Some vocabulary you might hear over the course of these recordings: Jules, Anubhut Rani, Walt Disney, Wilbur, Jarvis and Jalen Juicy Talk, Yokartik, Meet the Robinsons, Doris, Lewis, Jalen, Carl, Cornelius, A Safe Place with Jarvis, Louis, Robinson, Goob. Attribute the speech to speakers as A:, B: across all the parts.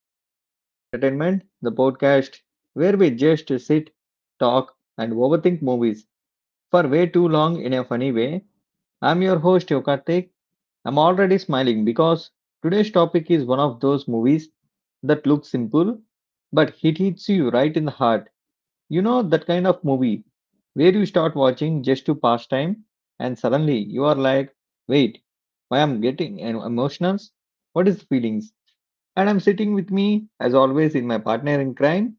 A: to another episode of Entertainment, the podcast where we just sit, talk, and overthink movies for way too long in a funny way. I'm your host Yokartik. I'm already smiling because today's topic is one of those movies that looks simple but it hits you right in the heart. You know, that kind of movie where you start watching just to pass time and suddenly you are like, wait, why I'm getting emotional? What is feelings? And I'm sitting with me, as always, in my partner in crime,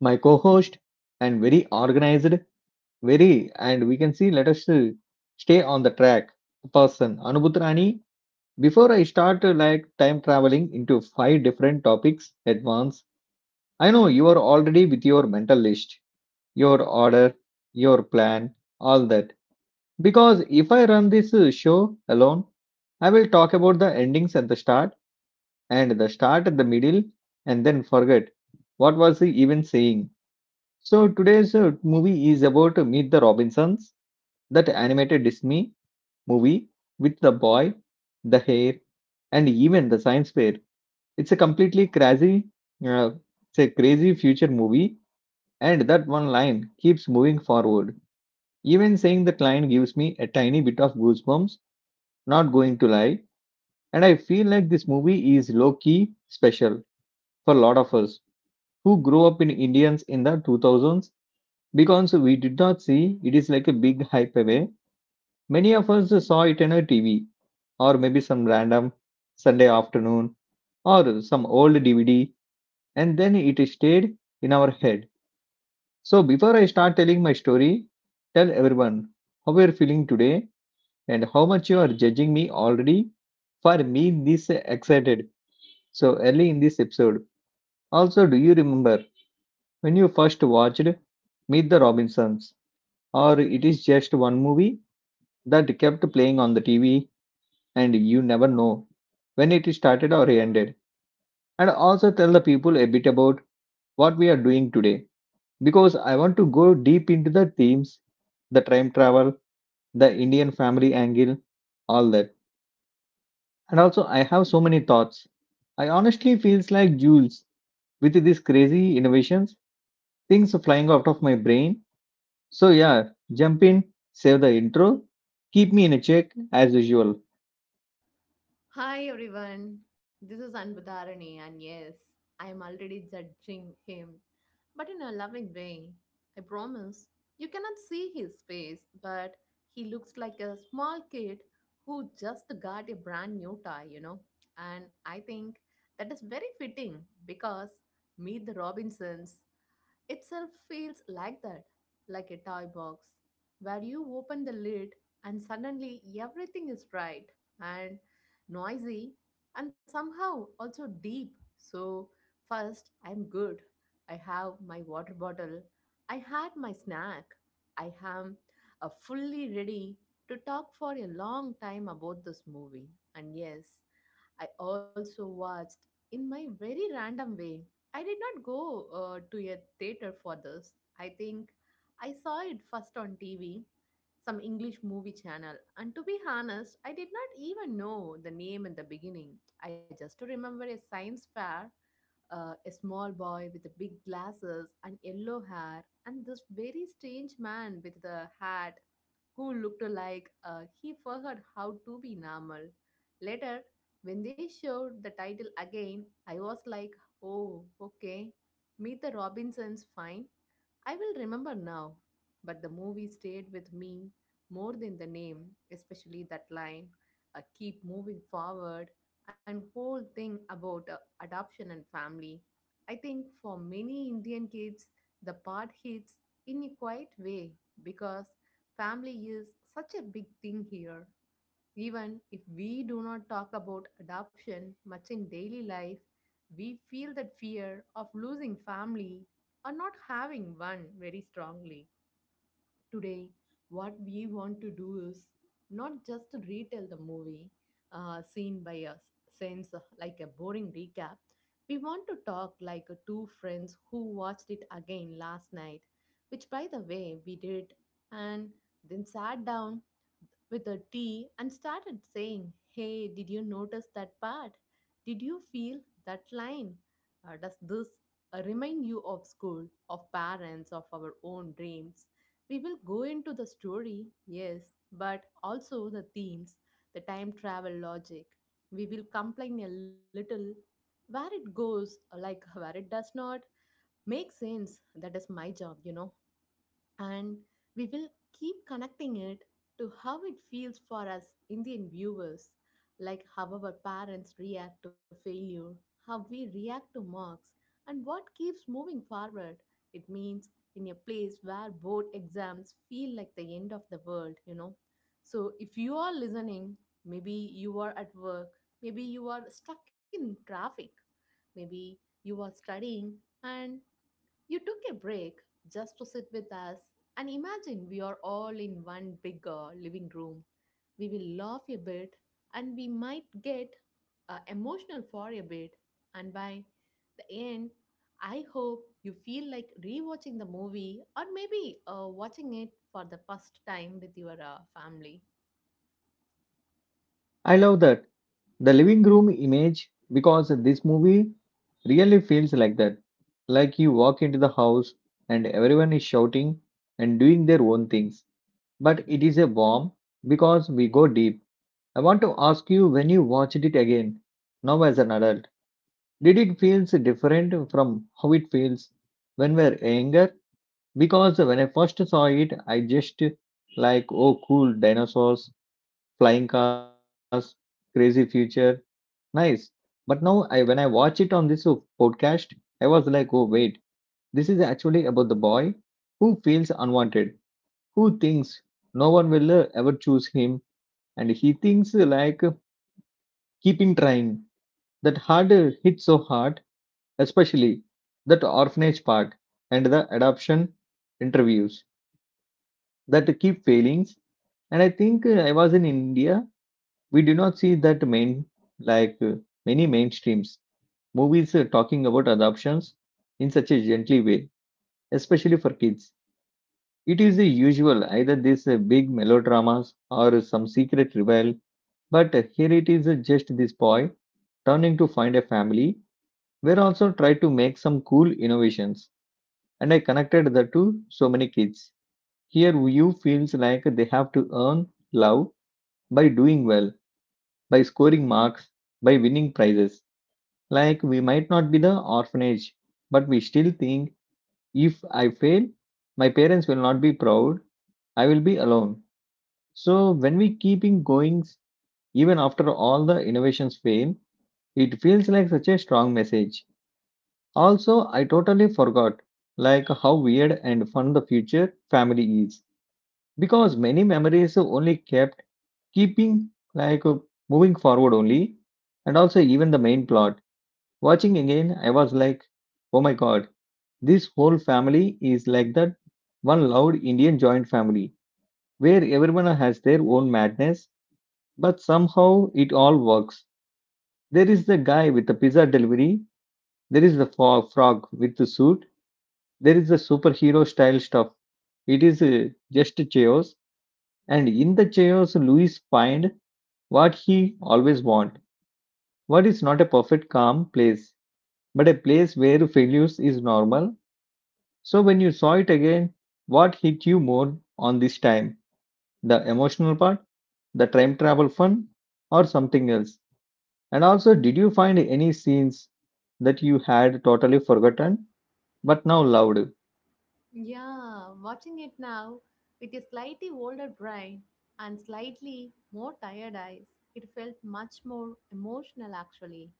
A: my co-host, and very organized, very, and we can see, let us stay on the track, person, Anubhut Rani. Before I start like time traveling into five different topics at once, I know you are already with your mental list your order, your plan, all that. Because if I run this show alone, I will talk about the endings at the start and the start at the middle and then forget what was he even saying. So today's movie is about Meet the Robinsons, that animated Disney movie with the boy, the hair, and even the science fair. It's a completely crazy, uh, it's a crazy future movie, and that one line keeps moving forward. Even saying the client gives me a tiny bit of goosebumps, not going to lie, and I feel like this movie is low key special for a lot of us who grew up in Indians in the 2000s because we did not see it is like a big hype away. Many of us saw it on a TV or maybe some random Sunday afternoon or some old DVD and then it stayed in our head. So before I start telling my story, tell everyone how we are feeling today and how much you are judging me already for me this excited so early in this episode. Also, do you remember when you first watched Meet the Robinsons, or it is just one movie that kept playing on the TV and you never know when it started or ended? And also tell the people a bit about what we are doing today because I want to go deep into the themes, the time travel, the Indian family angle, all that. And also, I have so many thoughts. I honestly feels like Jules with these crazy innovations, things are flying out of my brain. So yeah, jump in, save the intro, keep me in a check as usual.
B: Hi everyone, this is Anbudharani, and yes, I am already judging him, but in a loving way. I promise. You cannot see his face, but he looks like a small kid who just got a brand new tie, you know. And I think that is very fitting because Meet the Robinsons itself feels like that, like a toy box, where you open the lid and suddenly everything is bright and noisy and somehow also deep. So, first, I'm good. I have my water bottle. I had my snack. I am fully ready to talk for a long time about this movie. And yes, I also watched in my very random way. I did not go to a theater for this. I think I saw it first on TV, some English movie channel. And to be honest, I did not even know the name in the beginning. I just remember a science fair, a small boy with the big glasses and yellow hair, and this very strange man with the hat who looked like he forgot how to be normal. Later, when they showed the title again, I was like, oh, okay, Meet the Robinsons, fine. I will remember now, but the movie stayed with me more than the name, especially that line, keep moving forward, and whole thing about adoption and family. I think for many Indian kids, the part hits in a quiet way because family is such a big thing here. Even if we do not talk about adoption much in daily life, we feel that fear of losing family or not having one very strongly. Today, what we want to do is not just retell the movie scene by us, since like a boring recap. We want to talk like two friends who watched it again last night, which by the way we did, and then sat down with a tea and started saying, hey, did you notice that part? Did you feel that line? Does this remind you of school, of parents, of our own dreams? We will go into the story, yes, but also the themes, the time travel logic. We will complain a little where it goes, like where it does not make sense. That is my job, you know, and we will keep connecting it to how it feels for us Indian viewers, like how our parents react to failure, how we react to marks, and what keeps moving forward. It means in a place where board exams feel like the end of the world, you know. So if you are listening, maybe you are at work, maybe you are stuck in traffic, maybe you are studying and you took a break just to sit with us and imagine we are all in one big living room. We will laugh a bit and we might get emotional for a bit. And by the end, I hope you feel like rewatching the movie or maybe watching it for the first time with your family.
A: I love that. The living room image because this movie really feels like that. Like you walk into the house and everyone is shouting and doing their own things. But it is a warm because we go deep. I want to ask you when you watched it again, now as an adult, did it feels different from how it feels when we are younger? Because when I first saw it, I just like, oh, cool, dinosaurs, flying cars, crazy future, nice. But now, I when I watch it on this podcast, I was like, oh, wait, this is actually about the boy who feels unwanted, who thinks no one will ever choose him, and he thinks like keeping trying that hard hit so hard, especially that orphanage part and the adoption interviews that keep failing. And I think I was in India. We do not see that main like many mainstreams movies talking about adoptions in such a gently way, especially for kids. It is the usual either these big melodramas or some secret rebel, but here it is just this boy turning to find a family we also tried to make some cool innovations, and I connected the two so many kids. Here, you feels like they have to earn love by doing well, by scoring marks, by winning prizes. Like we might not be the orphanage, but we still think if I fail, my parents will not be proud. I will be alone. So when we keeping going, even after all the innovations fail, it feels like such a strong message. Also, I totally forgot like how weird and fun the future family is because many memories only kept keeping like moving forward only and also even the main plot. Watching again, I was like, oh my god, this whole family is like that one loud Indian joint family where everyone has their own madness, but somehow it all works. There is the guy with the pizza delivery, there is the frog with the suit, there is a superhero style stuff. It is just chaos, and in the chaos, Luis find what he always want. What is not a perfect calm place, but a place where failures is normal. So when you saw it again, what hit you more on this time? The emotional part, the time travel fun, or something else? And also, did you find any scenes that you had totally forgotten but now loved?
B: Yeah, watching it now with a slightly older brain and slightly more tired eyes, it felt much more emotional actually.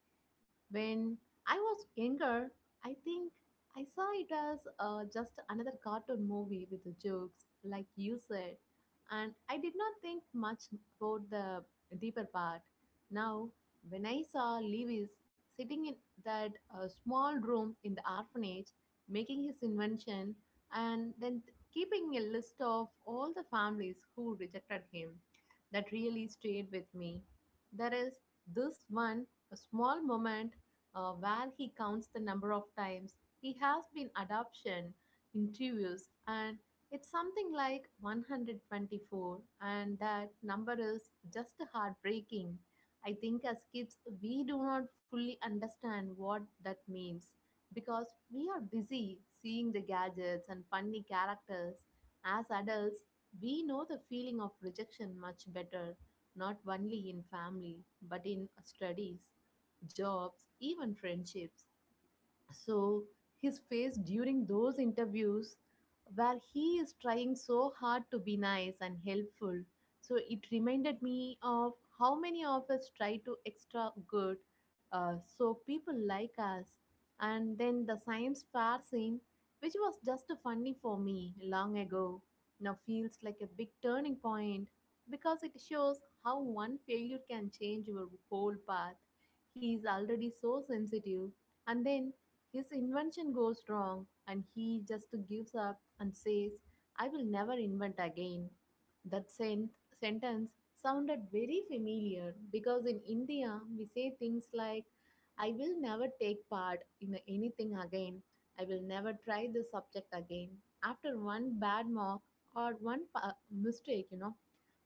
B: When I was younger, I think I saw it as just another cartoon movie with the jokes, like you said, and I did not think much about the deeper part. Now, when I saw Lewis sitting in that small room in the orphanage making his invention and then keeping a list of all the families who rejected him, that really stayed with me. There is this one a small moment where he counts the number of times he has been adoption interviews, and it's something like 124, and that number is just heartbreaking. I think as kids we do not fully understand what that means because we are busy seeing the gadgets and funny characters. As adults we know the feeling of rejection much better, not only in family but in studies, jobs, even friendships. So his face during those interviews where he is trying so hard to be nice and helpful. So it reminded me of how many of us try to extra good so people like us. And then the science fair scene, which was just funny for me long ago, now feels like a big turning point because it shows how one failure can change your whole path. He is already so sensitive and then his invention goes wrong and he just gives up and says, I will never invent again. That sen- sentence sounded very familiar because in India we say things like, I will never take part in anything again. I will never try this subject again. After one bad mock or one mistake, you know.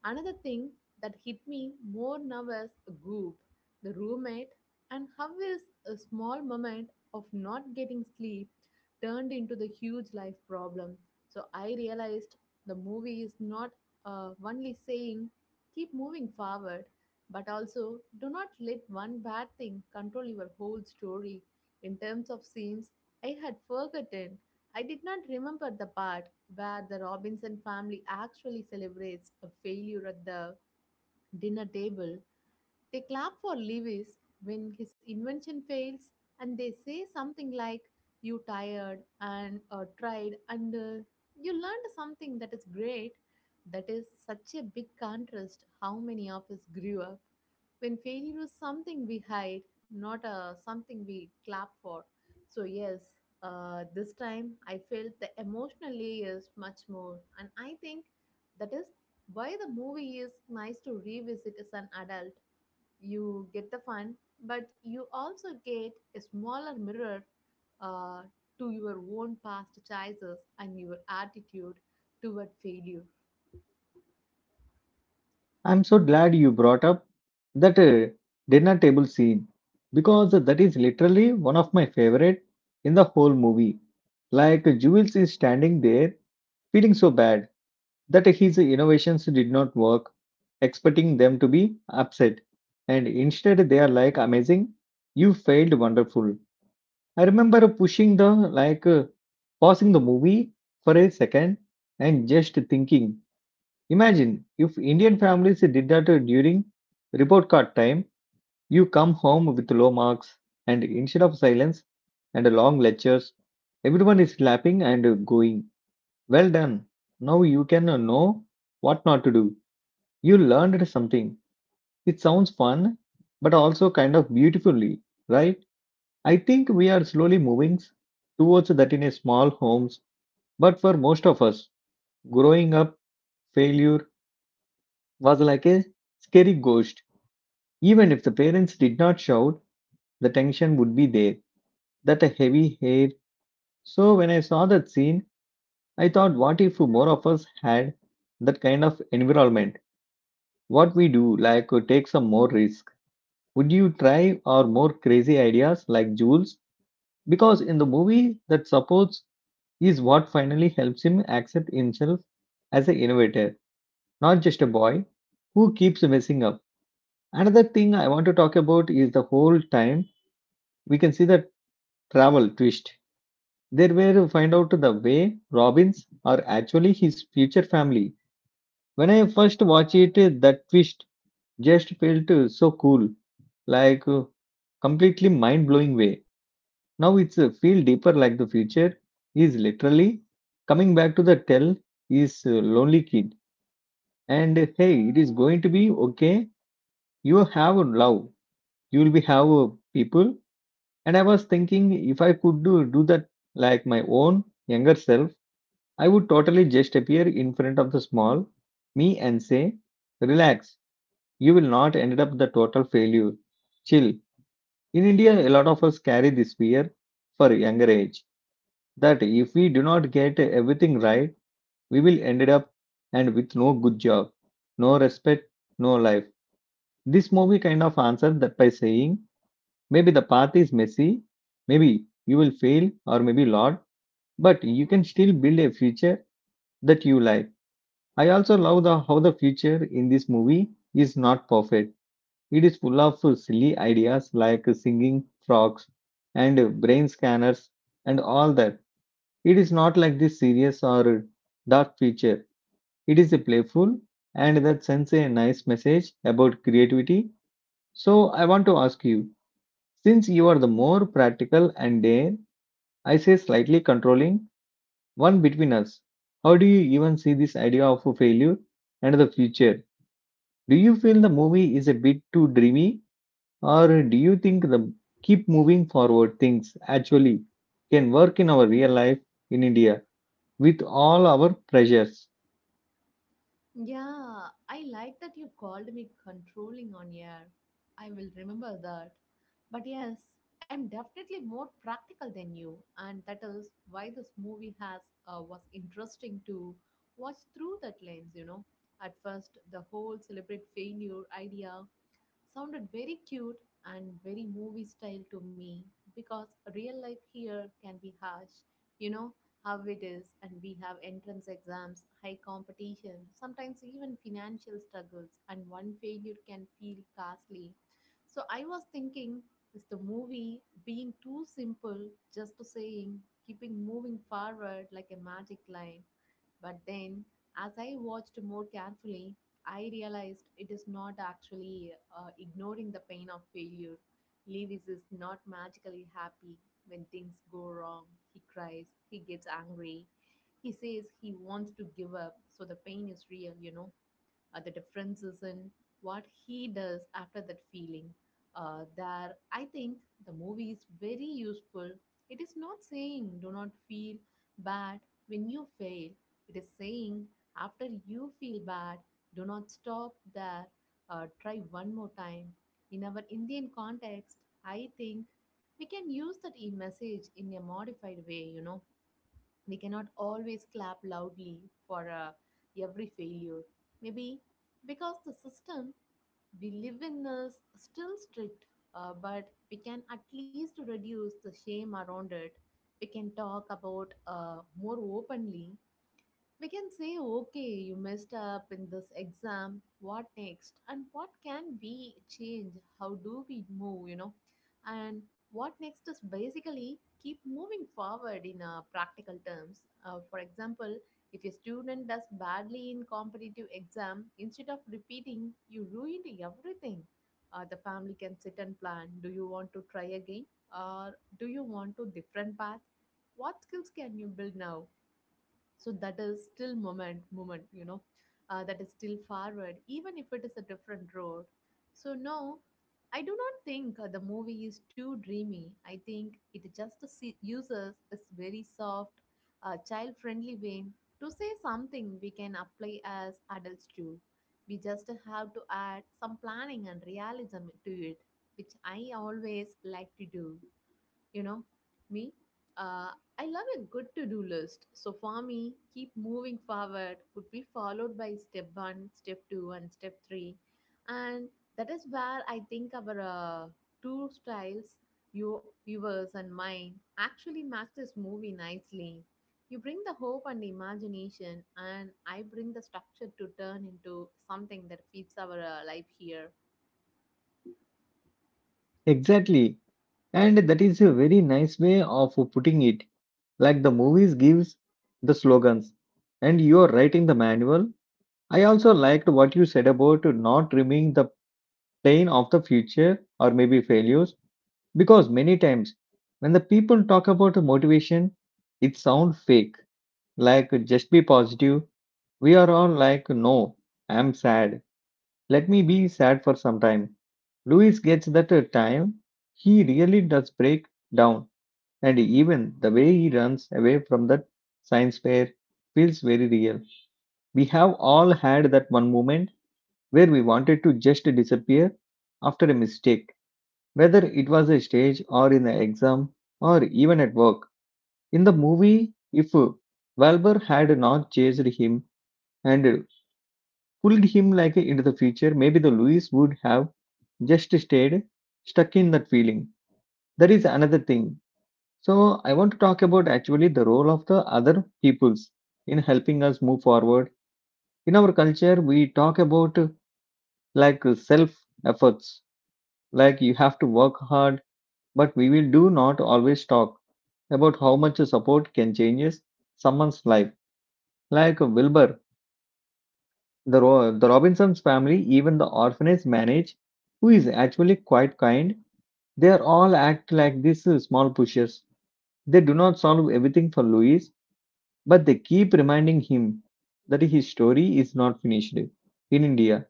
B: Another thing that hit me more now was Goop, the roommate, and how his a small moment of not getting sleep turned into the huge life problem. So I realized the movie is not only saying keep moving forward, but also do not let one bad thing control your whole story. In terms of scenes, I had forgotten. I did not remember the part where the Robinson family actually celebrates a failure at the dinner table. They clap for Lewis when his invention fails and they say something like, you tired and tried and you learned something that is great. That is such a big contrast how many of us grew up when failure was something we hide, not something we clap for. So, yes, this time I felt the emotional layers much more, and I think that is why the movie is nice to revisit as an adult. You get the fun, but you also get a smaller mirror uh, to your own past choices and your attitude toward failure.
A: I'm so glad you brought up that dinner table scene because that is literally one of my favorite in the whole movie. Like Jules is standing there feeling so bad that his innovations did not work, expecting them to be upset. And instead they are like amazing, you failed wonderful. I remember pushing the like pausing the movie for a second and just thinking, imagine if Indian families did that during report card time, you come home with low marks, and instead of silence and long lectures, everyone is clapping and going, well done! Now you can know what not to do. You learned something. It sounds fun, but also kind of beautifully, right? I think we are slowly moving towards that in a small homes, but for most of us, growing up, failure was like a scary ghost. Even if the parents did not shout, the tension would be there, that a heavy hair. So when I saw that scene, I thought, what if more of us had that kind of environment? What we do, like take some more risk. Would you try or more crazy ideas like Jules? Because in the movie, that supports is what finally helps him accept himself as an innovator, not just a boy who keeps messing up. Another thing I want to talk about is the whole time we can see the travel twist. They were find out the way Robins are actually his future family. When I first watched it, that twist just felt so cool, like completely mind blowing way. Now it's feel deeper like the future is literally coming back to the tell is lonely kid and hey it is going to be okay. You have love, you will be have people. And I was thinking if I could do that like my own younger self, I would totally just appear in front of the small me and say, relax, you will not end up the total failure. Chill. In India, a lot of us carry this fear for younger age that if we do not get everything right, we will end up and with no good job, no respect, no life. This movie kind of answered that by saying, maybe the path is messy, maybe you will fail or maybe lot, but you can still build a future that you like. I also love the how the future in this movie is not perfect. It is full of silly ideas like singing frogs and brain scanners and all that. It is not like this serious or dark future. It is a playful and that sends a nice message about creativity. So I want to ask you, since you are the more practical and dare, I say slightly controlling one between us. How do you even see this idea of failure and the future? Do you feel the movie is a bit too dreamy, or do you think the keep moving forward things actually can work in our real life in India with all our pressures?
B: Yeah, I like that you called me controlling on air. I will remember that. But yes, I'm definitely more practical than you, and that is why this movie has was interesting to watch through that lens. You know, at first the whole celebrate failure idea sounded very cute and very movie style to me because real life here can be harsh. You know how it is, and we have entrance exams, high competition, sometimes even financial struggles, and one failure can feel costly. So I was thinking, is the movie being too simple just to saying, keeping moving forward like a magic line? But then, as I watched more carefully, I realized it is not actually ignoring the pain of failure. Lewis is not magically happy when things go wrong. He cries, he gets angry, he says he wants to give up, so the pain is real, you know. The differences in what he does after that feeling. There, I think the movie is very useful. It is not saying do not feel bad when you fail, it is saying after you feel bad, do not stop there, try one more time. In our Indian context, I think we can use that e message in a modified way, you know. We cannot always clap loudly for every failure. Maybe because the system we live in is still strict, but we can at least reduce the shame around it. We can talk about more openly. We can say, okay, you messed up in this exam. What next? And what can we change? How do we move? You know, and what next is basically keep moving forward in practical terms. For example, if a student does badly in competitive exam, instead of repeating, you ruined everything. The family can sit and plan. Do you want to try again, or do you want to different path? What skills can you build now? So that is still moment, you know. That is still forward even if it is a different road. So no, I do not think the movie is too dreamy. I think it just uses its very soft child friendly way to say something we can apply as adults too. We just have to add some planning and realism to it, which I always like to do. You know me. Uh, i love a good to-do list. So for me keep moving forward would be followed by step one, step two, and step three. And that is where I think our two styles, yours and mine, actually match this movie nicely. You bring the hope and imagination, and I bring the structure to turn into something that fits our life here.
A: Exactly, and that is a very nice way of putting it. Like the movies gives the slogans, and you are writing the manual. I also liked what you said about not dreaming the plane of the future or maybe failures. Because many times when the people talk about motivation, it sounds fake. Like just be positive. We are all like, no, I'm sad. Let me be sad for some time. Louis gets that time. He really does break down. And even the way he runs away from that science fair feels very real. We have all had that one moment where we wanted to just disappear after a mistake, whether it was a stage or in an exam or even at work. In the movie, if Wilbur had not chased him and pulled him like into the future, maybe the Louis would have just stayed stuck in that feeling. That is another thing. So I want to talk about actually the role of the other peoples in helping us move forward. In our culture, we talk about like self efforts, like you have to work hard, but we will do not always talk about how much support can change someone's life. Like Wilbur, the Robinsons family, even the orphanage manage, who is actually quite kind. They are all act like these small pushers. They do not solve everything for Louis, but they keep reminding him that his story is not finished in India.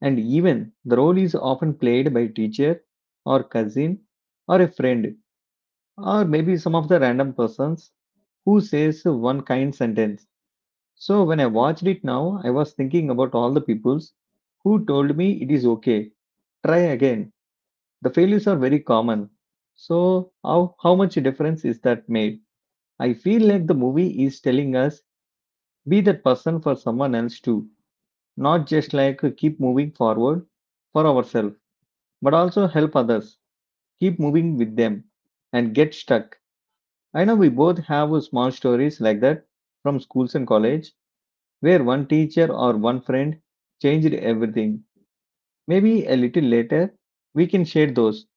A: And even the role is often played by teacher or cousin or a friend or maybe some of the random persons who says one kind sentence. So when I watched it now, I was thinking about all the peoples who told me it is okay. Try again. The failures are very common. So how much difference is that made? I feel like the movie is telling us be that person for someone else too, not just like keep moving forward for ourselves, but also help others, keep moving with them and get stuck. I know we both have small stories like that from schools and college where one teacher or one friend changed everything. Maybe a little later we can share those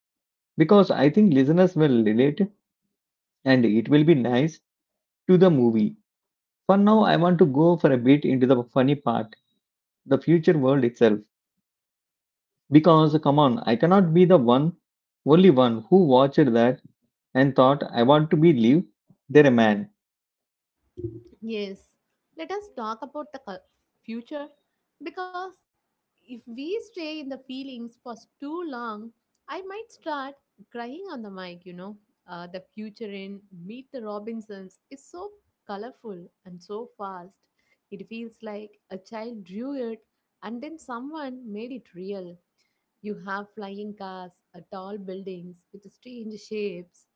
A: because I think listeners will relate and it will be nice to the movie. For now, I want to go for a bit into the funny part, the future world itself. Because come on, I cannot be only one who watched that and thought I want to be live there a man.
B: Yes, let us talk about the future because if we stay in the feelings for too long, I might start crying on the mic, you know. The future in Meet the Robinsons is so colorful and so fast. It feels like a child drew it and then someone made it real. You have flying cars, tall buildings with strange shapes,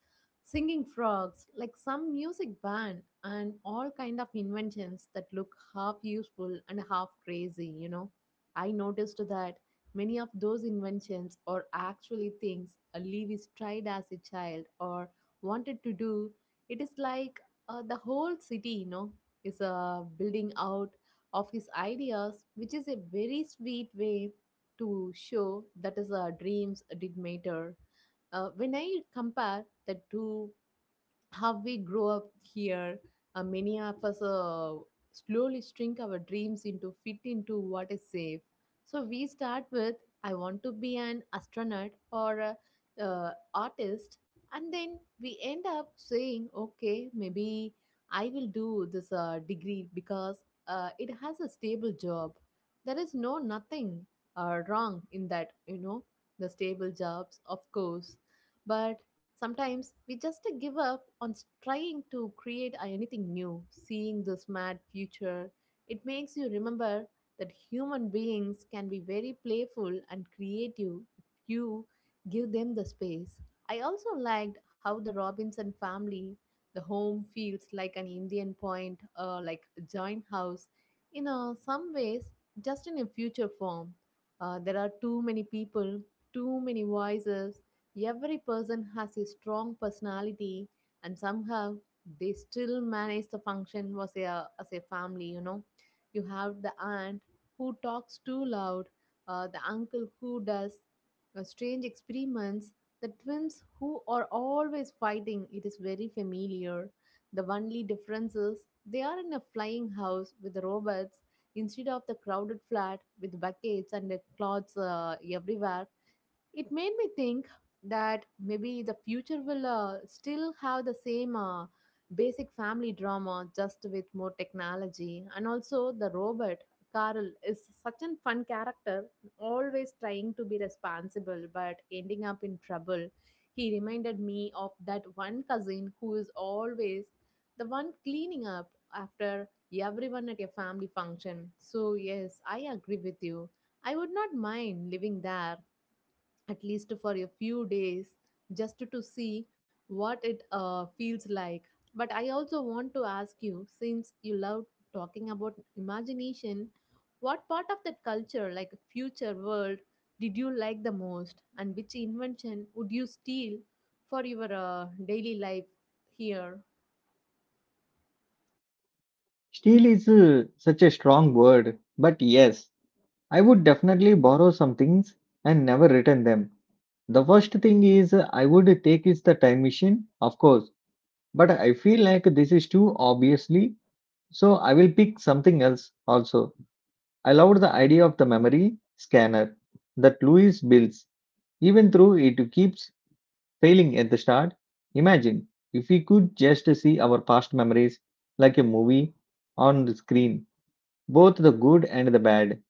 B: singing frogs like some music band, and all kind of inventions that look half useful and half crazy. I noticed that many of those inventions are actually things a Lewis tried as a child or wanted to do. It is like the whole city, is building out of his ideas, which is a very sweet way to show that is our dreams did matter. When I compare the two, how we grow up here, many of us slowly shrink our dreams into fit into what is safe. So we start with I want to be an astronaut or a artist, and then we end up saying okay, maybe I will do this degree because it has a stable job. There is no nothing wrong in that, the stable jobs of course, but sometimes we just give up on trying to create anything new. Seeing this mad future, it makes you remember that human beings can be very playful and creative if you give them the space. I also liked how the Robinson family, the home feels like an Indian point or like a joint house. In some ways, just in a future form. There are too many people, too many voices. Every person has a strong personality, and somehow they still manage the function was a, as a family. You know, you have the aunt who talks too loud, the uncle who does strange experiments, the twins who are always fighting. It is very familiar. The only difference is they are in a flying house with robots instead of the crowded flat with buckets and cloths everywhere. It made me think that maybe the future will still have the same basic family drama, just with more technology. And also the robot Carl is such a fun character, always trying to be responsible but ending up in trouble. He reminded me of that one cousin who is always the one cleaning up after everyone at your family function. So yes, I agree with you, I would not mind living there, at least for a few days, just to see what it feels like. But I also want to ask you, since you love talking about imagination, what part of that culture like future world did you like the most, and which invention would you steal for your daily life here?
A: Steal is such a strong word, but yes, I would definitely borrow some things and never return them. The first thing is I would take is the time machine, of course, but I feel like this is too obviously, so I will pick something else also. I loved the idea of the memory scanner that Louis builds, even though it keeps failing at the start. Imagine if we could just see our past memories like a movie on the screen, both the good and the bad.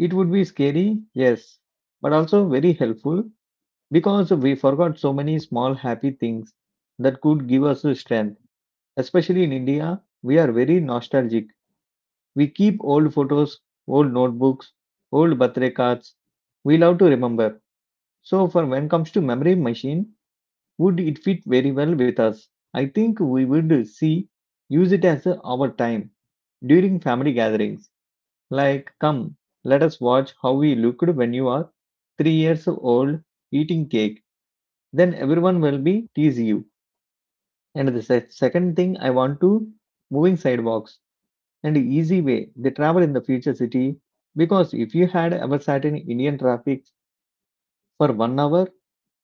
A: It would be scary, yes, but also very helpful because we forgot so many small happy things that could give us the strength. Especially in India, we are very nostalgic. We keep old photos, old notebooks, old birthday cards. We love to remember. So, for when comes to memory machine, would it fit very well with us? I think we would see use it as our time during family gatherings like, come, let us watch how you looked when you are 3 years old eating cake. Then everyone will be tease you. And the second thing, I want to moving sidewalks and easy way they travel in the future city because if you had ever sat in Indian traffic for 1 hour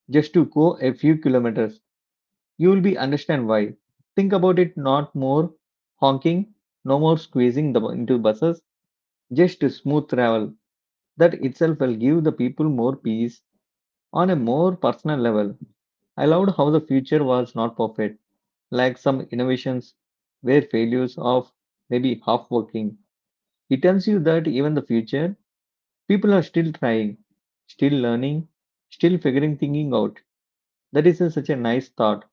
A: just to go a few kilometers, you will be understand why. Think about it, not more honking, no more squeezing into buses, just smooth travel. That itself will give the people more peace on a more personal level. I loved how the future was not perfect, like some innovations were failures of maybe half working. It tells you that even the future, people are still trying, still learning, still figuring thinking out. Such a nice thought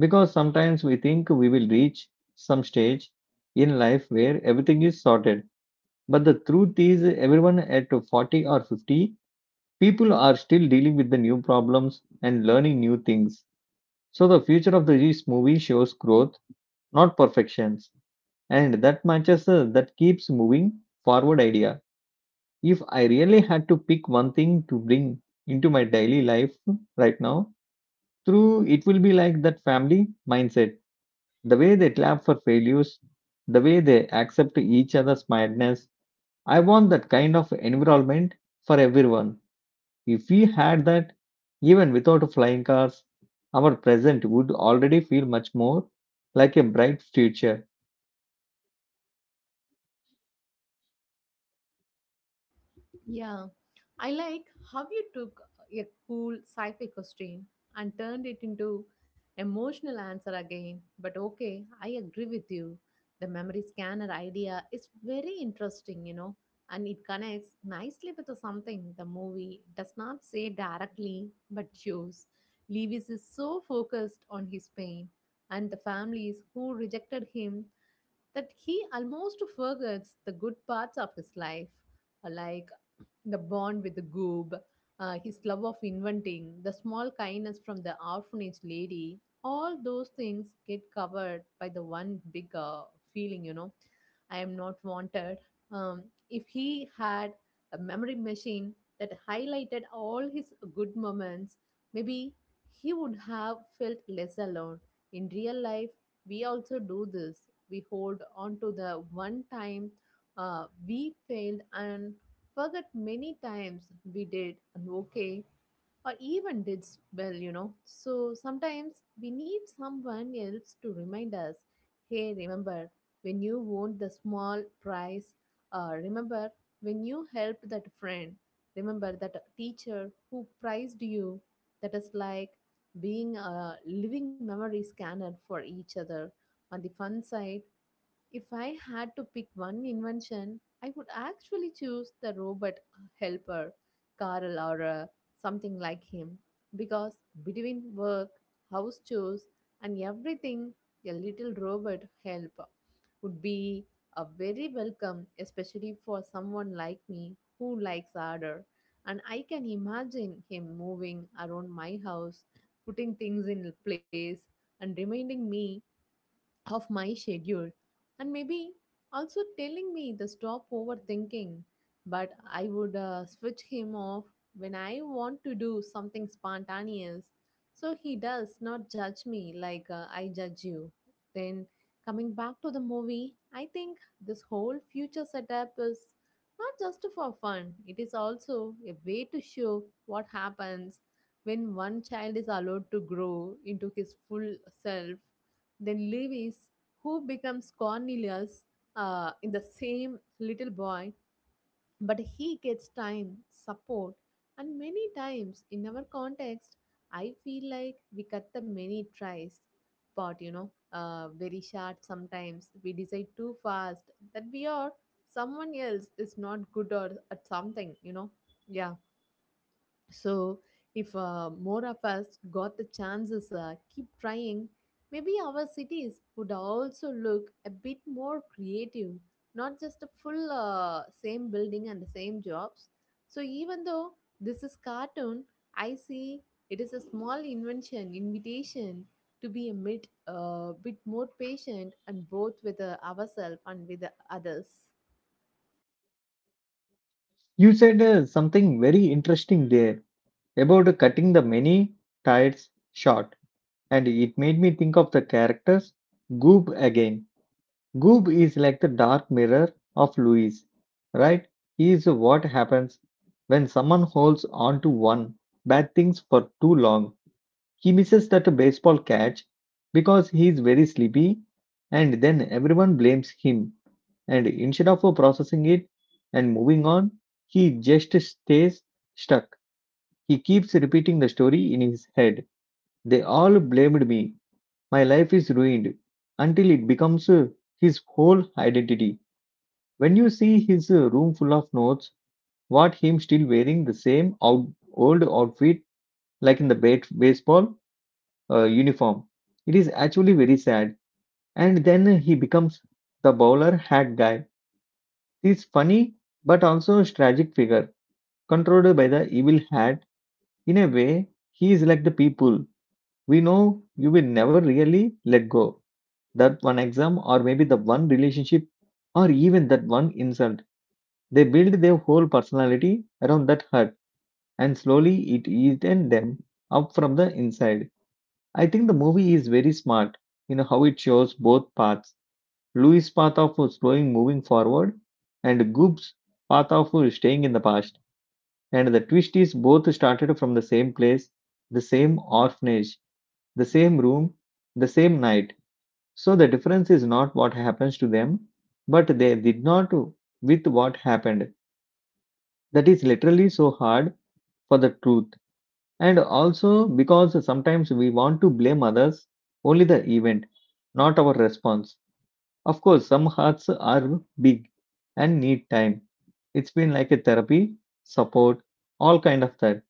A: because sometimes we think we will reach some stage in life where everything is sorted. But the truth is, everyone at 40 or 50, people are still dealing with the new problems and learning new things. So the future of this movie shows growth, not perfections. And that matches that keeps moving forward idea. If I really had to pick one thing to bring into my daily life right now, through it will be like that family mindset. The way they clap for failures, the way they accept each other's madness. I want that kind of environment for everyone. If we had that, even without flying cars, our present would already feel much more like a bright future.
B: Yeah, I like how you took a cool sci fi question and turned it into emotional answer again. But okay, I agree with you. The memory scanner idea is very interesting, and it connects nicely with the something the movie does not say directly but shows. Lewis is so focused on his pain and the families who rejected him that he almost forgets the good parts of his life, like the bond with the goob, his love of inventing, the small kindness from the orphanage lady. All those things get covered by the one big feeling, I am not wanted. Um, if he had a memory machine that highlighted all his good moments, maybe he would have felt less alone. In real life, we also do this. We hold on to the one time we failed and forget many times we did an okay or even did well, you know. So sometimes we need someone else to remind us, hey, remember when you won the small prize, remember when you helped that friend, remember that teacher who prized you. That is like being a living memory scanner for each other. On the fun side, if I had to pick one invention, I would actually choose the robot helper, Carl or something like him. Because between work, house chores, and everything, a little robot help would be a very welcome, especially for someone like me who likes order. And I can imagine him moving around my house, putting things in place, and reminding me of my schedule, and maybe also telling me the stop overthinking. But I would switch him off when I want to do something spontaneous, so he does not judge me like I judge you. Then, coming back to the movie, I think this whole future setup is not just for fun, it is also a way to show what happens when one child is allowed to grow into his full self. Then Lewis, who becomes Cornelius, in the same little boy, but he gets time, support, and many times in our context, I feel like we cut the many tries part, very short sometimes. We decide too fast that we are someone else is not good or at something, you know. Yeah. So, if more of us got the chances, keep trying, maybe our cities would also look a bit more creative, not just a full same building and the same jobs. So, even though this is cartoon, I see it is a small invention, invitation to be a bit, bit more patient and both with ourselves and with the others.
A: You said something very interesting there about cutting the many tides short, and it made me think of the characters Goob again. Goob is like the dark mirror of Louis, right? He is what happens when someone holds on to one bad things for too long. He misses that baseball catch because he is very sleepy, and then everyone blames him. And instead of processing it and moving on, he just stays stuck. He keeps repeating the story in his head. They all blamed me. My life is ruined until it becomes his whole identity. When you see his room full of notes, what him still wearing the old outfit like in the baseball uniform. It is actually very sad. And then he becomes the bowler hat guy. This funny but also tragic figure, controlled by the evil hat. In a way, he is like the people we know you will never really let go. That one exam, or maybe the one relationship, or even that one insult. They build their whole personality around that hurt, and slowly it eaten them up from the inside. I think the movie is very smart in how it shows both paths. Louis' path of slowing moving forward, and Goob's path of staying in the past. And the twist is both started from the same place, the same orphanage, the same room, the same night. So the difference is not what happens to them, but they did not with what happened. That is literally so hard for the truth. And also because sometimes we want to blame others, only the event, not our response. Of course, some hearts are big and need time. It's been like a therapy, support, all kind of that.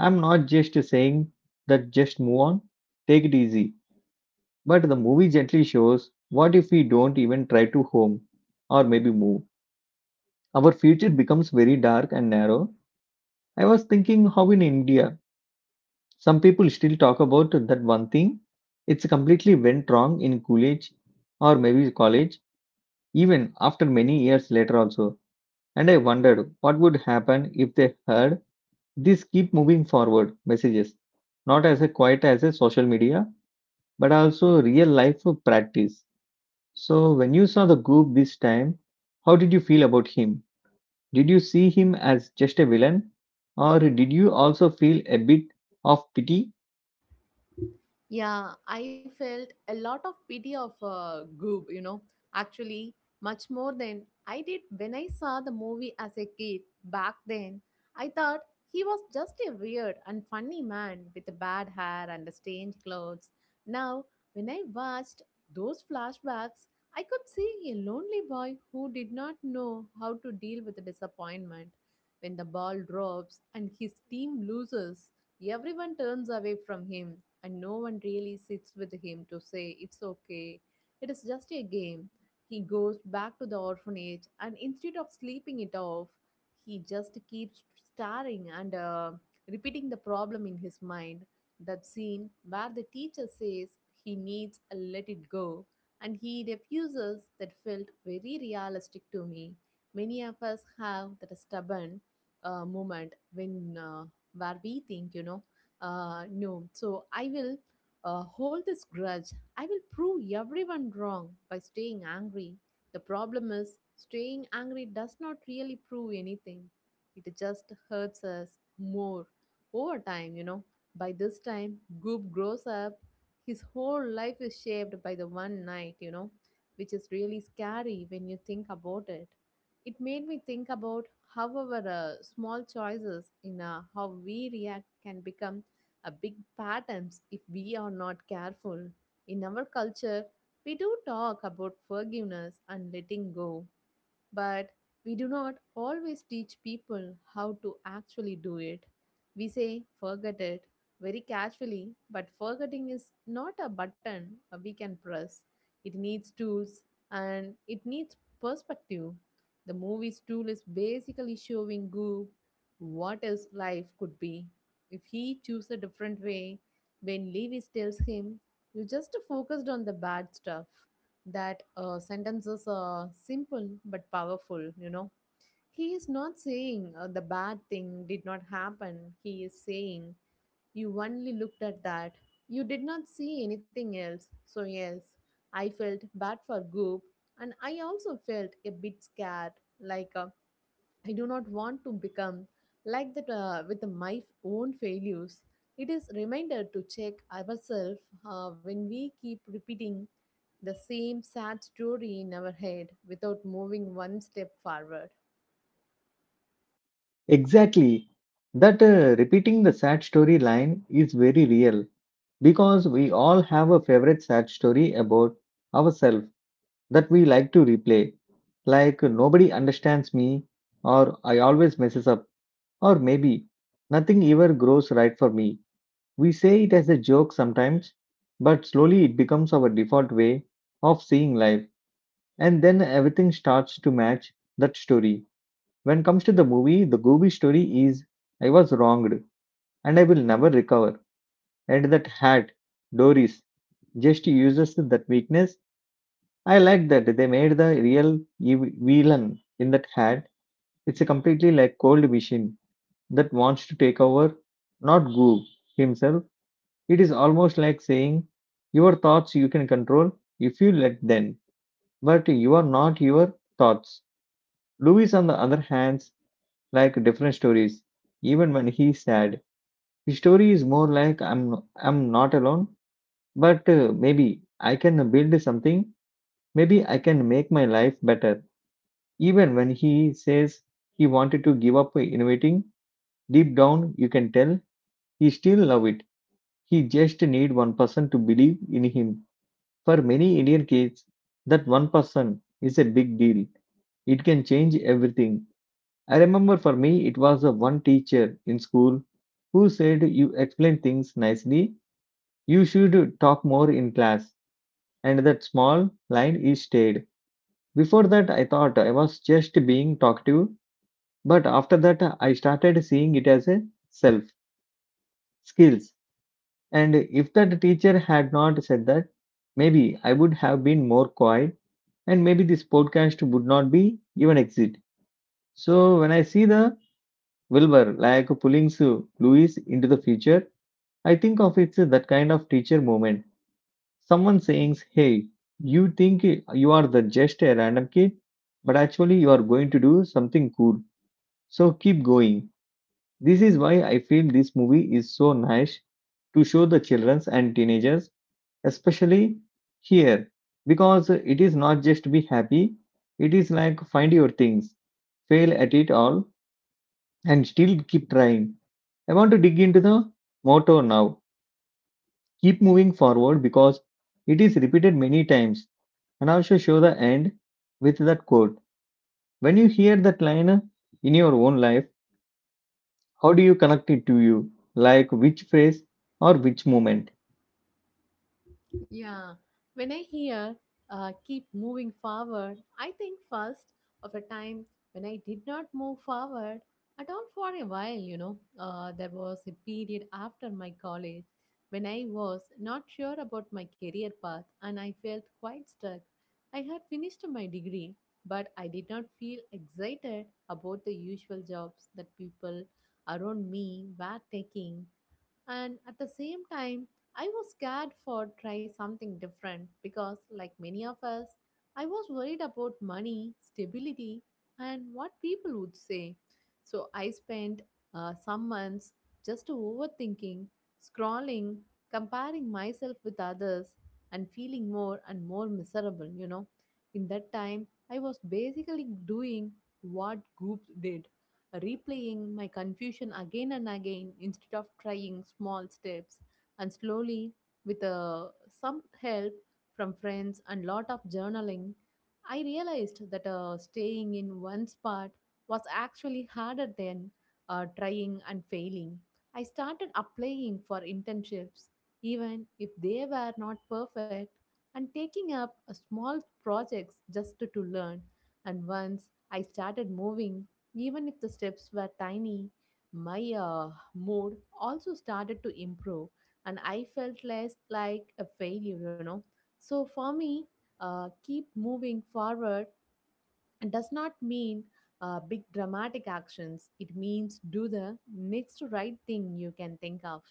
A: I'm not just saying that just move on, take it easy. But the movie gently shows what if we don't even try to home or maybe move. Our future becomes very dark and narrow. I was thinking how in India, some people still talk about that one thing. It's completely went wrong in college or maybe college, even after many years later also. And I wondered what would happen if they heard these keep moving forward messages, not as a quite as a social media, but also real life practice. So when you saw the goop this time, how did you feel about him? Did you see him as just a villain? Or did you also feel a bit of pity?
B: Yeah, I felt a lot of pity of Goob, you know, actually, much more than I did when I saw the movie as a kid back then. I thought he was just a weird and funny man with bad hair and strange clothes. Now, when I watched those flashbacks, I could see a lonely boy who did not know how to deal with the disappointment. When the ball drops and his team loses, everyone turns away from him and no one really sits with him to say it's okay, it is just a game. He goes back to the orphanage, and instead of sleeping it off, he just keeps staring and repeating the problem in his mind. That scene where the teacher says he needs a let it go and he refuses, that felt very realistic to me. Many of us have that stubborn moment when where we think, no, so I will hold this grudge. I will prove everyone wrong by staying angry. The problem is, staying angry does not really prove anything. It just hurts us more over time, you know. By this time, Goop grows up. His whole life is shaped by the one night, you know, which is really scary when you think about it. It made me think about how our small choices in how we react can become a big patterns if we are not careful. In our culture, we do talk about forgiveness and letting go, but we do not always teach people how to actually do it. We say forget it very casually, but forgetting is not a button we can press. It needs tools and it needs perspective. The movie's tool is basically showing Goop what his life could be. If he choose a different way, when Lewis tells him, you just focused on the bad stuff, that sentence is simple but powerful, you know. He is not saying the bad thing did not happen. He is saying you only looked at that, you did not see anything else. So yes, I felt bad for Goop, and I also felt a bit scared, like I do not want to become like that with my own failures. It is reminder to check ourselves when we keep repeating the same sad story in our head without moving one step forward.
A: Exactly. That repeating the sad story line is very real because we all have a favorite sad story about ourselves that we like to replay. Like, nobody understands me, or I always messes up, or maybe nothing ever grows right for me. We say it as a joke sometimes, but slowly it becomes our default way of seeing life, and then everything starts to match that story. When it comes to the movie, the Gooby story is I was wronged and I will never recover. And that hat, Doris, just uses that weakness. I like that they made the real villain in that hat. It's a completely like cold machine that wants to take over, not Goo himself. It is almost like saying, your thoughts you can control if you let them, but you are not your thoughts. Louis, on the other hand, like different stories. Even when he's sad, his story is more like I'm not alone, but maybe I can build something. Maybe I can make my life better. Even when he says he wanted to give up innovating, deep down you can tell he still love it. He just need one person to believe in him. For many Indian kids, that one person is a big deal. It can change everything. I remember for me it was a one teacher in school who said you explain things nicely, you should talk more in class. And that small line is stayed. Before that I thought I was just being talkative. But after that, I started seeing it as a self, skills. And if that teacher had not said that, maybe I would have been more quiet and maybe this podcast would not be even exist. So when I see the Wilbur like pulling Louis into the future, I think of it's that kind of teacher moment. Someone saying, hey, you think you are the just a random kid, but actually you are going to do something cool. So keep going. This is why I feel this movie is so nice to show the children and teenagers, especially here, because it is not just be happy, it is like find your things, fail at it all, and still keep trying. I want to dig into the motto now keep moving forward because it is repeated many times, and also show the end with that quote. When you hear that line in your own life, how do you connect it to you? Like which phrase or which moment?
B: Yeah, when I hear keep moving forward, I think first of a time when I did not move forward at all for a while, you know. There was a period after my college when I was not sure about my career path and I felt quite stuck. I had finished my degree, but I did not feel excited about the usual jobs that people around me were taking, and at the same time I was scared for try something different, because like many of us I was worried about money stability and what people would say. So I spent some months just overthinking, scrolling, comparing myself with others, and feeling more and more miserable, you know. In that time, I was basically doing what groups did, replaying my confusion again and again instead of trying small steps. And slowly, with some help from friends and lot of journaling, I realized that staying in one spot was actually harder than trying and failing. I started applying for internships even if they were not perfect, and taking up a small projects just to learn. And once I started moving, even if the steps were tiny, my mood also started to improve, and I felt less like a failure, you know. So for me, keep moving forward does not mean big dramatic actions. It means do the next right thing you can think of.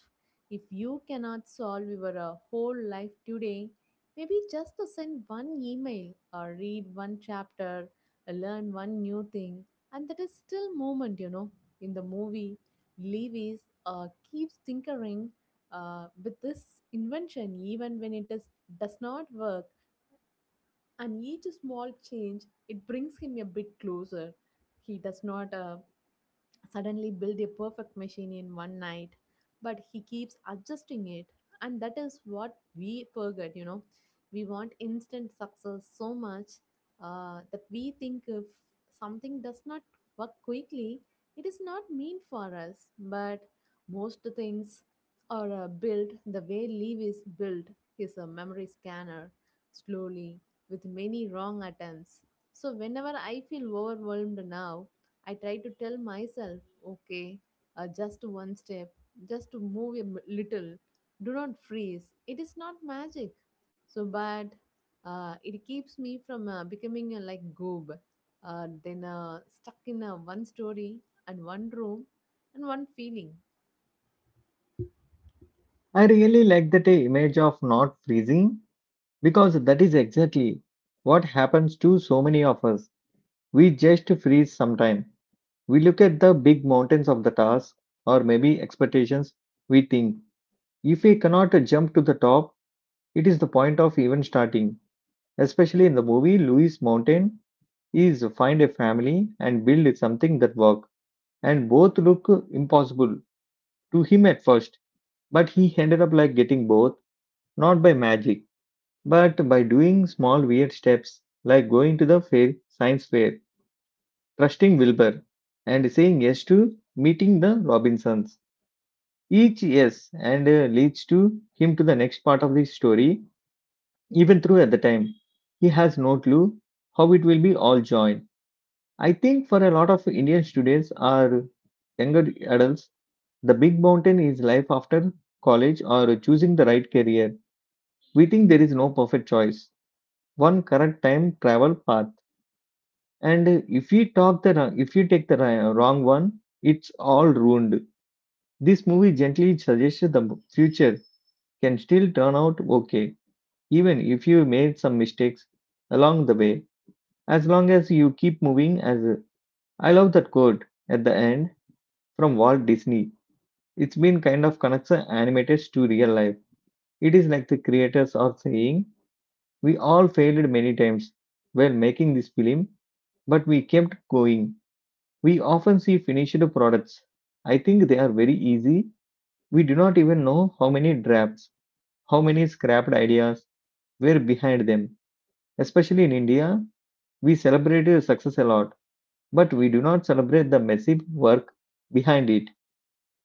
B: If you cannot solve your whole life today, maybe just to send one email or read one chapter, learn one new thing, and that is still movement, you know. In the movie, Lewis keeps tinkering with this invention even when does not work, and each small change, it brings him a bit closer. He does not suddenly build a perfect machine in one night, but he keeps adjusting it. And that is what we forget, you know. We want instant success so much that we think if something does not work quickly, it is not mean for us. But most things are built the way Leave is built, is a memory scanner, slowly, with many wrong attempts. So whenever I feel overwhelmed now, I try to tell myself, okay, just one step, just to move little. Do not freeze. It is not magic. So, but it keeps me from becoming like goob, then stuck in one story and one room and one feeling.
A: I really like that image of not freezing because that is exactly what happens to so many of us. We just freeze sometime. We look at the big mountains of the task or maybe expectations. We think if we cannot jump to the top, it is the point of even starting. Especially in the movie, Louis Mountain is find a family and build something that work. And both look impossible to him at first, but he ended up like getting both, not by magic but by doing small weird steps like going to the fair, science fair, trusting Wilbur, and saying yes to meeting the Robinsons, each yes and leads to him to the next part of the story, even through at the time. He has no clue how it will be all joined. I think for a lot of Indian students or younger adults, the big mountain is life after college or choosing the right career. We think there is no perfect choice, one correct time travel path and if you talk the wrong- if you take the wrong one, it's all ruined. This movie gently suggests the future can still turn out okay even if you made some mistakes along the way, as long as you keep moving I love that quote at the end from Walt Disney. It's been kind of connects the animators to real life. It is like the creators are saying we all failed many times while making this film, but we kept going. We often see finished products. I think they are very easy. We do not even know how many drafts, how many scrapped ideas were behind them. Especially in India, we celebrate success a lot, but we do not celebrate the massive work behind it.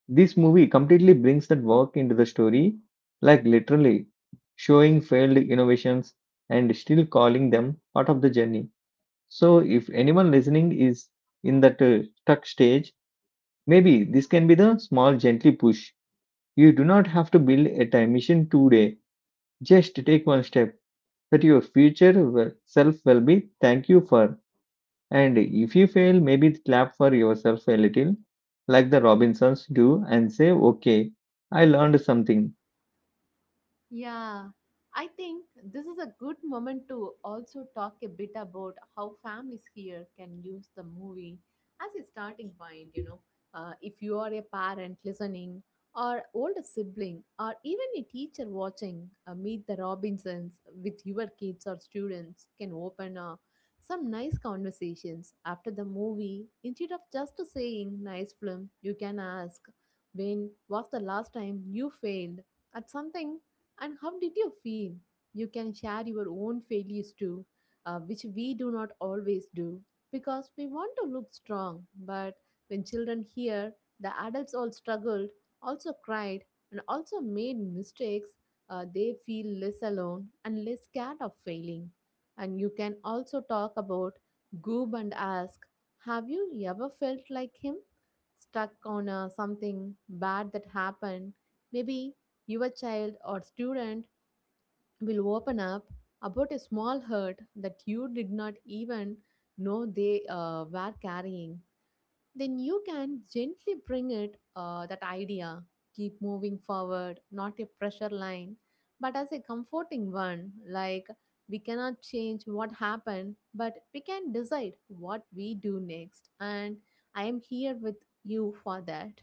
A: This movie completely brings that work into the story, like literally showing failed innovations and still calling them part of the journey. So, if anyone listening is in that stuck stage, maybe this can be the small, gently push. You do not have to build a time machine today. Just take one step that your self will be thank you for. And if you fail, maybe clap for yourself a little, like the Robinsons do, and say, "Okay, I learned something."
B: Yeah, I think this is a good moment to also talk a bit about how families here can use the movie as a starting point. You know, if you are a parent listening, or older sibling, or even a teacher watching Meet the Robinsons with your kids or students, can open some nice conversations after the movie. Instead of just saying nice film, you can ask, when was the last time you failed at something, and how did you feel? You can share your own failures too, which we do not always do because we want to look strong. But when children hear the adults all struggled, also cried, and also made mistakes, they feel less alone and less scared of failing. And you can also talk about Goob and ask, have you ever felt like him? Stuck on something bad that happened? Maybe your child or student will open up about a small hurt that you did not even know they were carrying. Then you can gently bring it that idea, keep moving forward, not a pressure line, but as a comforting one, like we cannot change what happened, but we can decide what we do next, and I am here with you for that.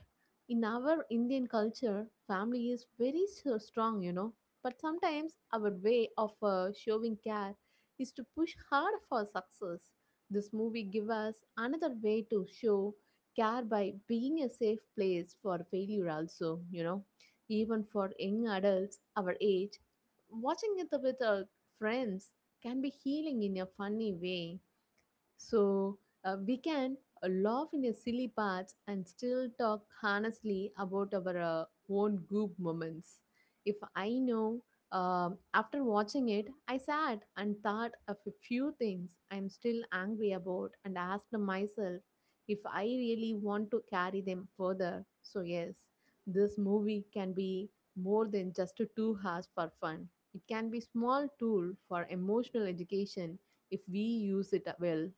B: In our Indian culture, family is very so strong, you know. But sometimes our way of showing care is to push hard for success. This movie give us another way to show care, by being a safe place for failure also, you know. Even for young adults our age, watching it with our friends can be healing in a funny way. So we can laugh in a silly parts and still talk honestly about our own group moments. If I know, after watching it, I sat and thought of a few things I'm still angry about and asked myself if I really want to carry them further. So, yes, this movie can be more than just 2 hours for fun. It can be small tool for emotional education if we use it well.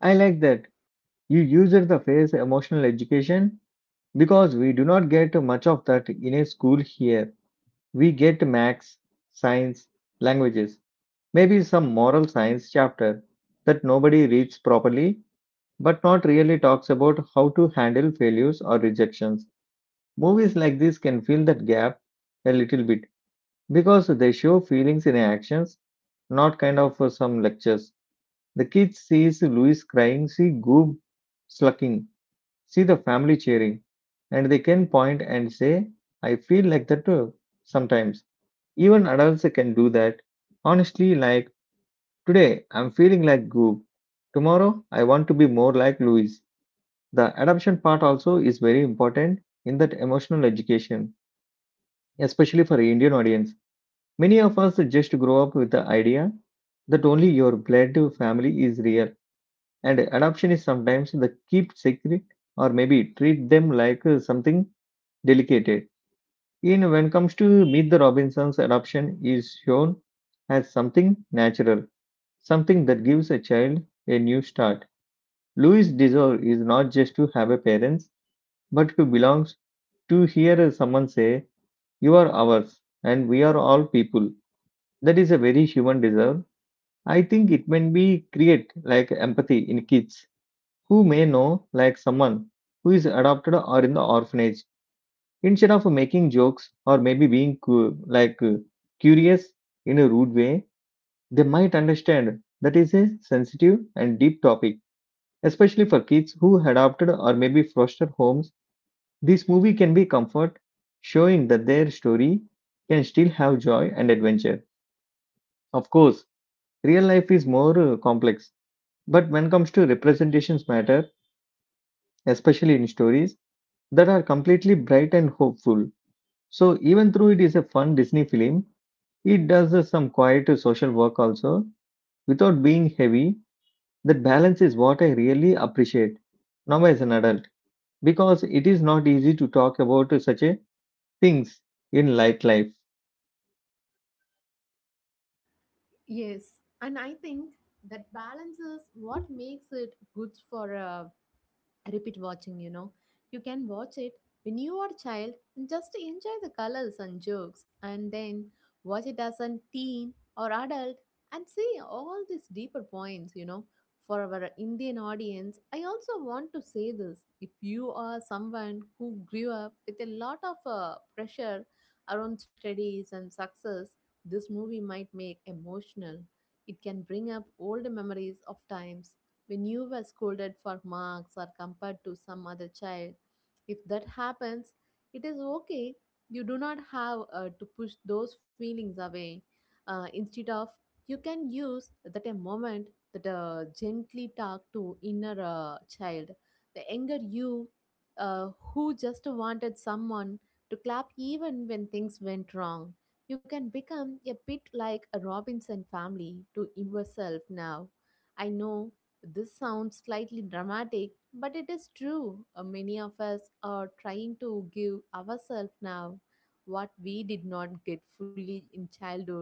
A: I like that. You used the phrase emotional education because we do not get much of that in a school here. We get max, science, languages. Maybe some moral science chapter that nobody reads properly, but not really talks about how to handle failures or rejections. Movies like this can fill that gap a little bit because they show feelings in actions, not kind of some lectures. The kids sees Louis crying, see Goob slucking, see the family cheering, and they can point and say, "I feel like that too sometimes." Even adults can do that. Honestly, like today, I'm feeling like Goop. Tomorrow, I want to be more like Louis. The adoption part also is very important in that emotional education, especially for Indian audience. Many of us just grow up with the idea that only your blood family is real, and adoption is sometimes the keep secret or maybe treat them like something delicate. In when comes to Meet the Robinsons, adoption is shown as something natural, something that gives a child a new start. Louis' desire is not just to have a parents, but to belong, to hear someone say, "You are ours, and we are all people." That is a very human desire. I think it may be create like empathy in kids who may know like someone who is adopted or in the orphanage. Instead of making jokes or maybe being cu- like curious in a rude way, they might understand that is a sensitive and deep topic, especially for kids who adopted or maybe foster homes. This movie can be comfort, showing that their story can still have joy and adventure. Of course, real life is more complex, but when it comes to representations matter, especially in stories that are completely bright and hopeful. So even though it is a fun Disney film, it does some quiet social work also without being heavy. That balance is what I really appreciate now as an adult because it is not easy to talk about such a things in light life.
B: Yes, and I think that balance is what makes it good for a repeat watching, you know. You can watch it when you are a child and just enjoy the colors and jokes, and then watch it as a teen or adult and see all these deeper points, you know. For our Indian audience, I also want to say this: if you are someone who grew up with a lot of pressure around studies and success, this movie might make emotional. It can bring up old memories of times when you were scolded for marks or compared to some other child. If that happens, it is okay. You do not have to push those feelings away. Instead of, you can use that a moment that gently talk to inner child. The younger you, who just wanted someone to clap even when things went wrong. You can become a bit like a Robinson family to yourself now. I know this sounds slightly dramatic, but it is true. Many of us are trying to give ourselves now what we did not get fully in childhood.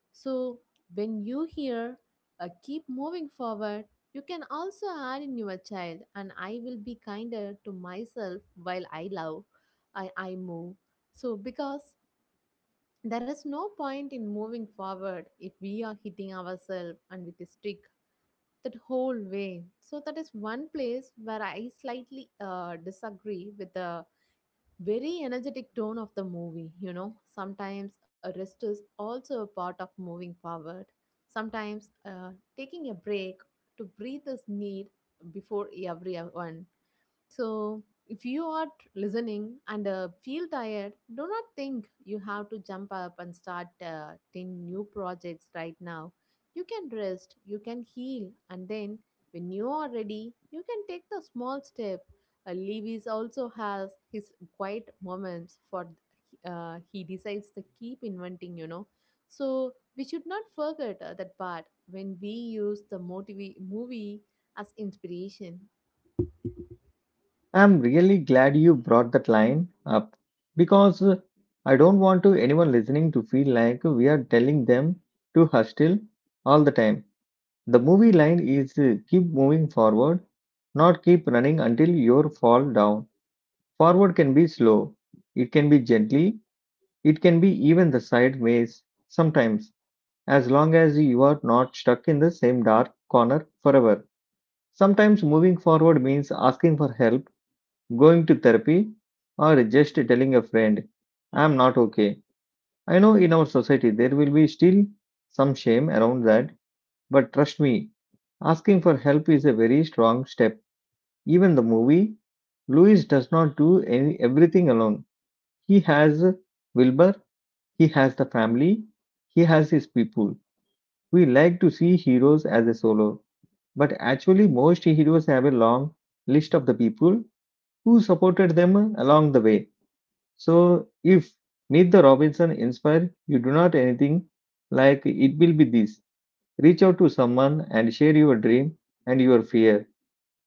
B: So, when you hear keep moving forward, you can also add in your child, and I will be kinder to myself while I love, I move. So, because there is no point in moving forward if we are hitting ourselves and with a stick that whole way. So that is one place where I slightly disagree with the very energetic tone of the movie. You know, sometimes a rest is also a part of moving forward. Sometimes taking a break to breathe is need before everyone. So, if you are listening and feel tired, do not think you have to jump up and start 10 new projects right now. You can rest, you can heal, and then when you are ready, you can take the small step. Lewis also has his quiet moments for he decides to keep inventing, you know. So, we should not forget that part when we use the movie as inspiration.
A: I'm really glad you brought that line up because I don't want to anyone listening to feel like we are telling them to hush still all the time. The movie line is keep moving forward, not keep running until you fall down. Forward can be slow, it can be gently, it can be even the sideways sometimes, as long as you are not stuck in the same dark corner forever. Sometimes moving forward means asking for help, going to therapy, or just telling a friend, "I'm not okay." I know in our society there will be still some shame around that, but trust me, asking for help is a very strong step. Even the movie, Louis does not do any, everything alone. He has Wilbur, he has the family, he has his people. We like to see heroes as a solo, but actually, most heroes have a long list of the people who supported them along the way. So, if Need the Robinson inspire you do not anything like it will be this. Reach out to someone and share your dream and your fear.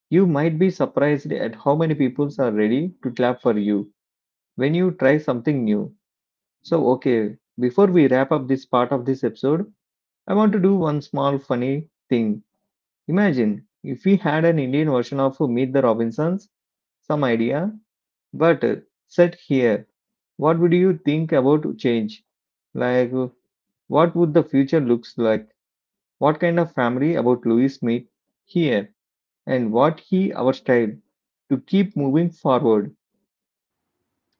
A: You might be surprised at how many people are ready to clap for you when you try something new. So, okay, before we wrap up this part of this episode, I want to do one small funny thing. Imagine if we had an Indian version of Meet the Robinsons, some idea but set here, what would you think about change? Like, what would the future looks like? What kind of family about Louis meet here, and what he our style to keep moving forward?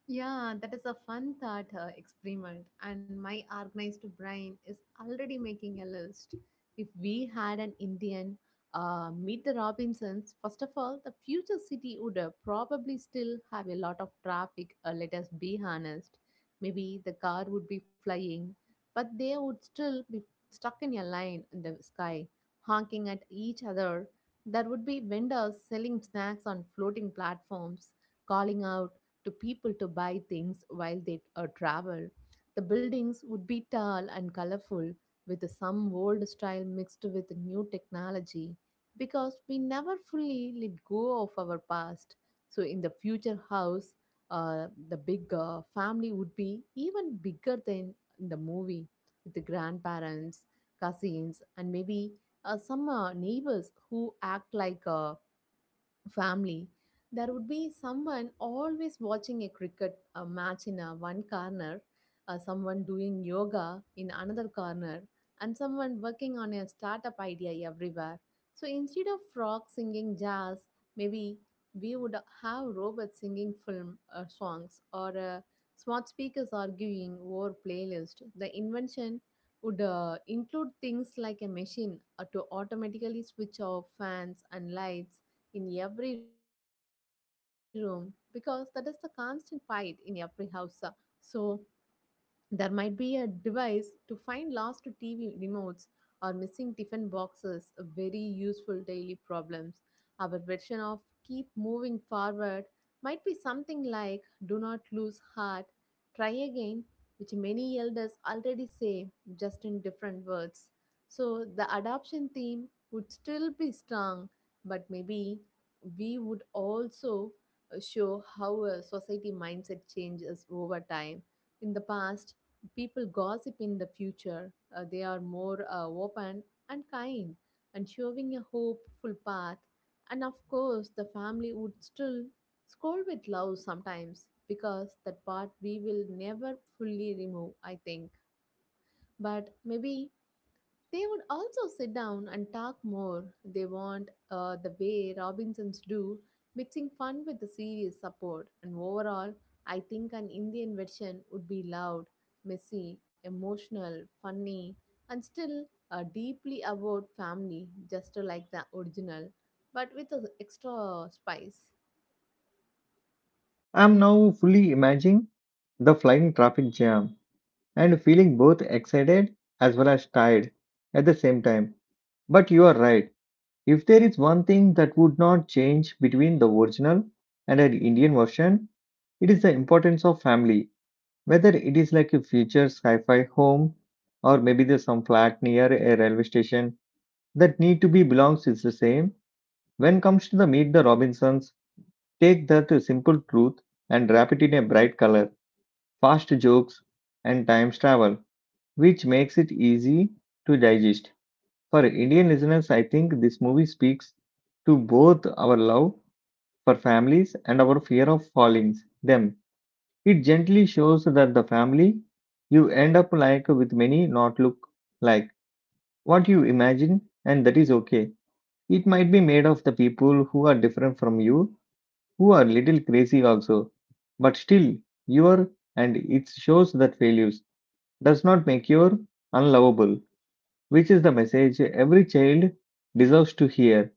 B: Yeah, that is a fun thought experiment, and my organized brain is already making a list. If we had an Indian Meet the Robinsons, first of all, the future city would probably still have a lot of traffic, let us be honest. Maybe the car would be flying, but they would still be stuck in a line in the sky, honking at each other. There would be vendors selling snacks on floating platforms, calling out to people to buy things while they travel. The buildings would be tall and colorful, with some old style mixed with new technology, because we never fully let go of our past. So, in the future house, the big family would be even bigger than in the movie, with the grandparents, cousins, and maybe some neighbors who act like family. There would be someone always watching a cricket match in one corner, someone doing yoga in another corner, and someone working on a startup idea everywhere. So instead of frogs singing jazz, maybe we would have robots singing film songs, or smart speakers arguing over playlist. The invention would include things like a machine to automatically switch off fans and lights in every room, because that is the constant fight in every house. So, there might be a device to find lost TV remotes or missing tiffin boxes, a very useful daily problems. Our version of keep moving forward might be something like do not lose heart, try again, which many elders already say, just in different words. So the adoption theme would still be strong, but maybe we would also show how a society mindset changes over time. In the past, people gossip. In the future, they are more open and kind, and showing a hopeful path. And of course, the family would still scold with love sometimes, because that part we will never fully remove, I think. But maybe they would also sit down and talk more. They want the way Robinsons do, mixing fun with the serious support. And overall, I think an Indian version would be loud, messy, emotional, funny, and still deeply about family, just like the original, but with an extra spice.
A: I'm now fully imagining the flying traffic jam and feeling both excited as well as tired at the same time. But you are right. If there is one thing that would not change between the original and an Indian version, it is the importance of family, whether it is like a future sci-fi home or maybe there's some flat near a railway station, that need to be belongs is the same. When comes to the Meet the Robinsons, take that simple truth and wrap it in a bright color, fast jokes and time travel, which makes it easy to digest. For Indian listeners, I think this movie speaks to both our love for families and our fear of falling them. It gently shows that the family you end up like with many not look like what you imagine, and that is okay. It might be made of the people who are different from you, who are little crazy also, but still you are, and it shows that failures does not make you unlovable, which is the message every child deserves to hear.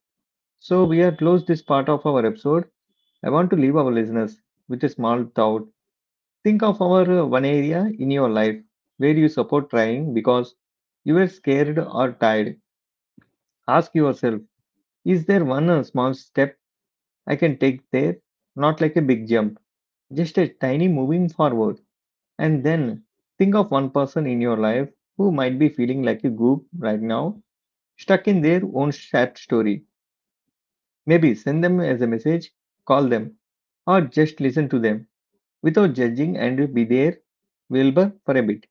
A: So we are close this part of our episode. I want to leave our listeners with a small thought. Think of our one area in your life where you support trying because you were scared or tired. Ask yourself, is there one small step I can take there? Not like a big jump, just a tiny moving forward. And then think of one person in your life who might be feeling like a goop right now, stuck in their own sad story. Maybe send them as a message, call them, or just listen to them without judging and be there, Wilbur, for a bit.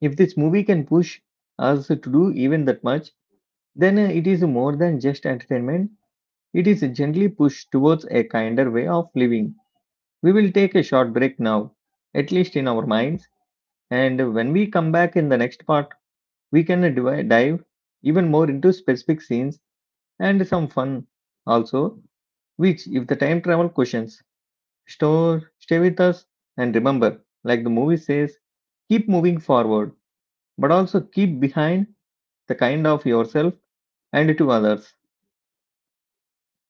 A: If this movie can push us to do even that much, then it is more than just entertainment. It is gently pushed towards a kinder way of living. We will take a short break now, at least in our minds, and when we come back in the next part, we can dive even more into specific scenes and some fun also, which, if the time travel questions, store, stay with us, and remember, like the movie says, keep moving forward, but also keep behind the kind of yourself and to others.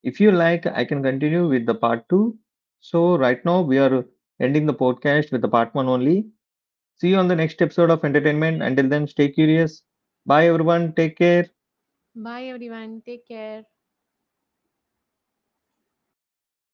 A: If you like, I can continue with the part two. So, right now, we are ending the podcast with the part one only. See you on the next episode of entertainment. Until then, stay curious. Bye, everyone. Take care.
B: Bye everyone, take care.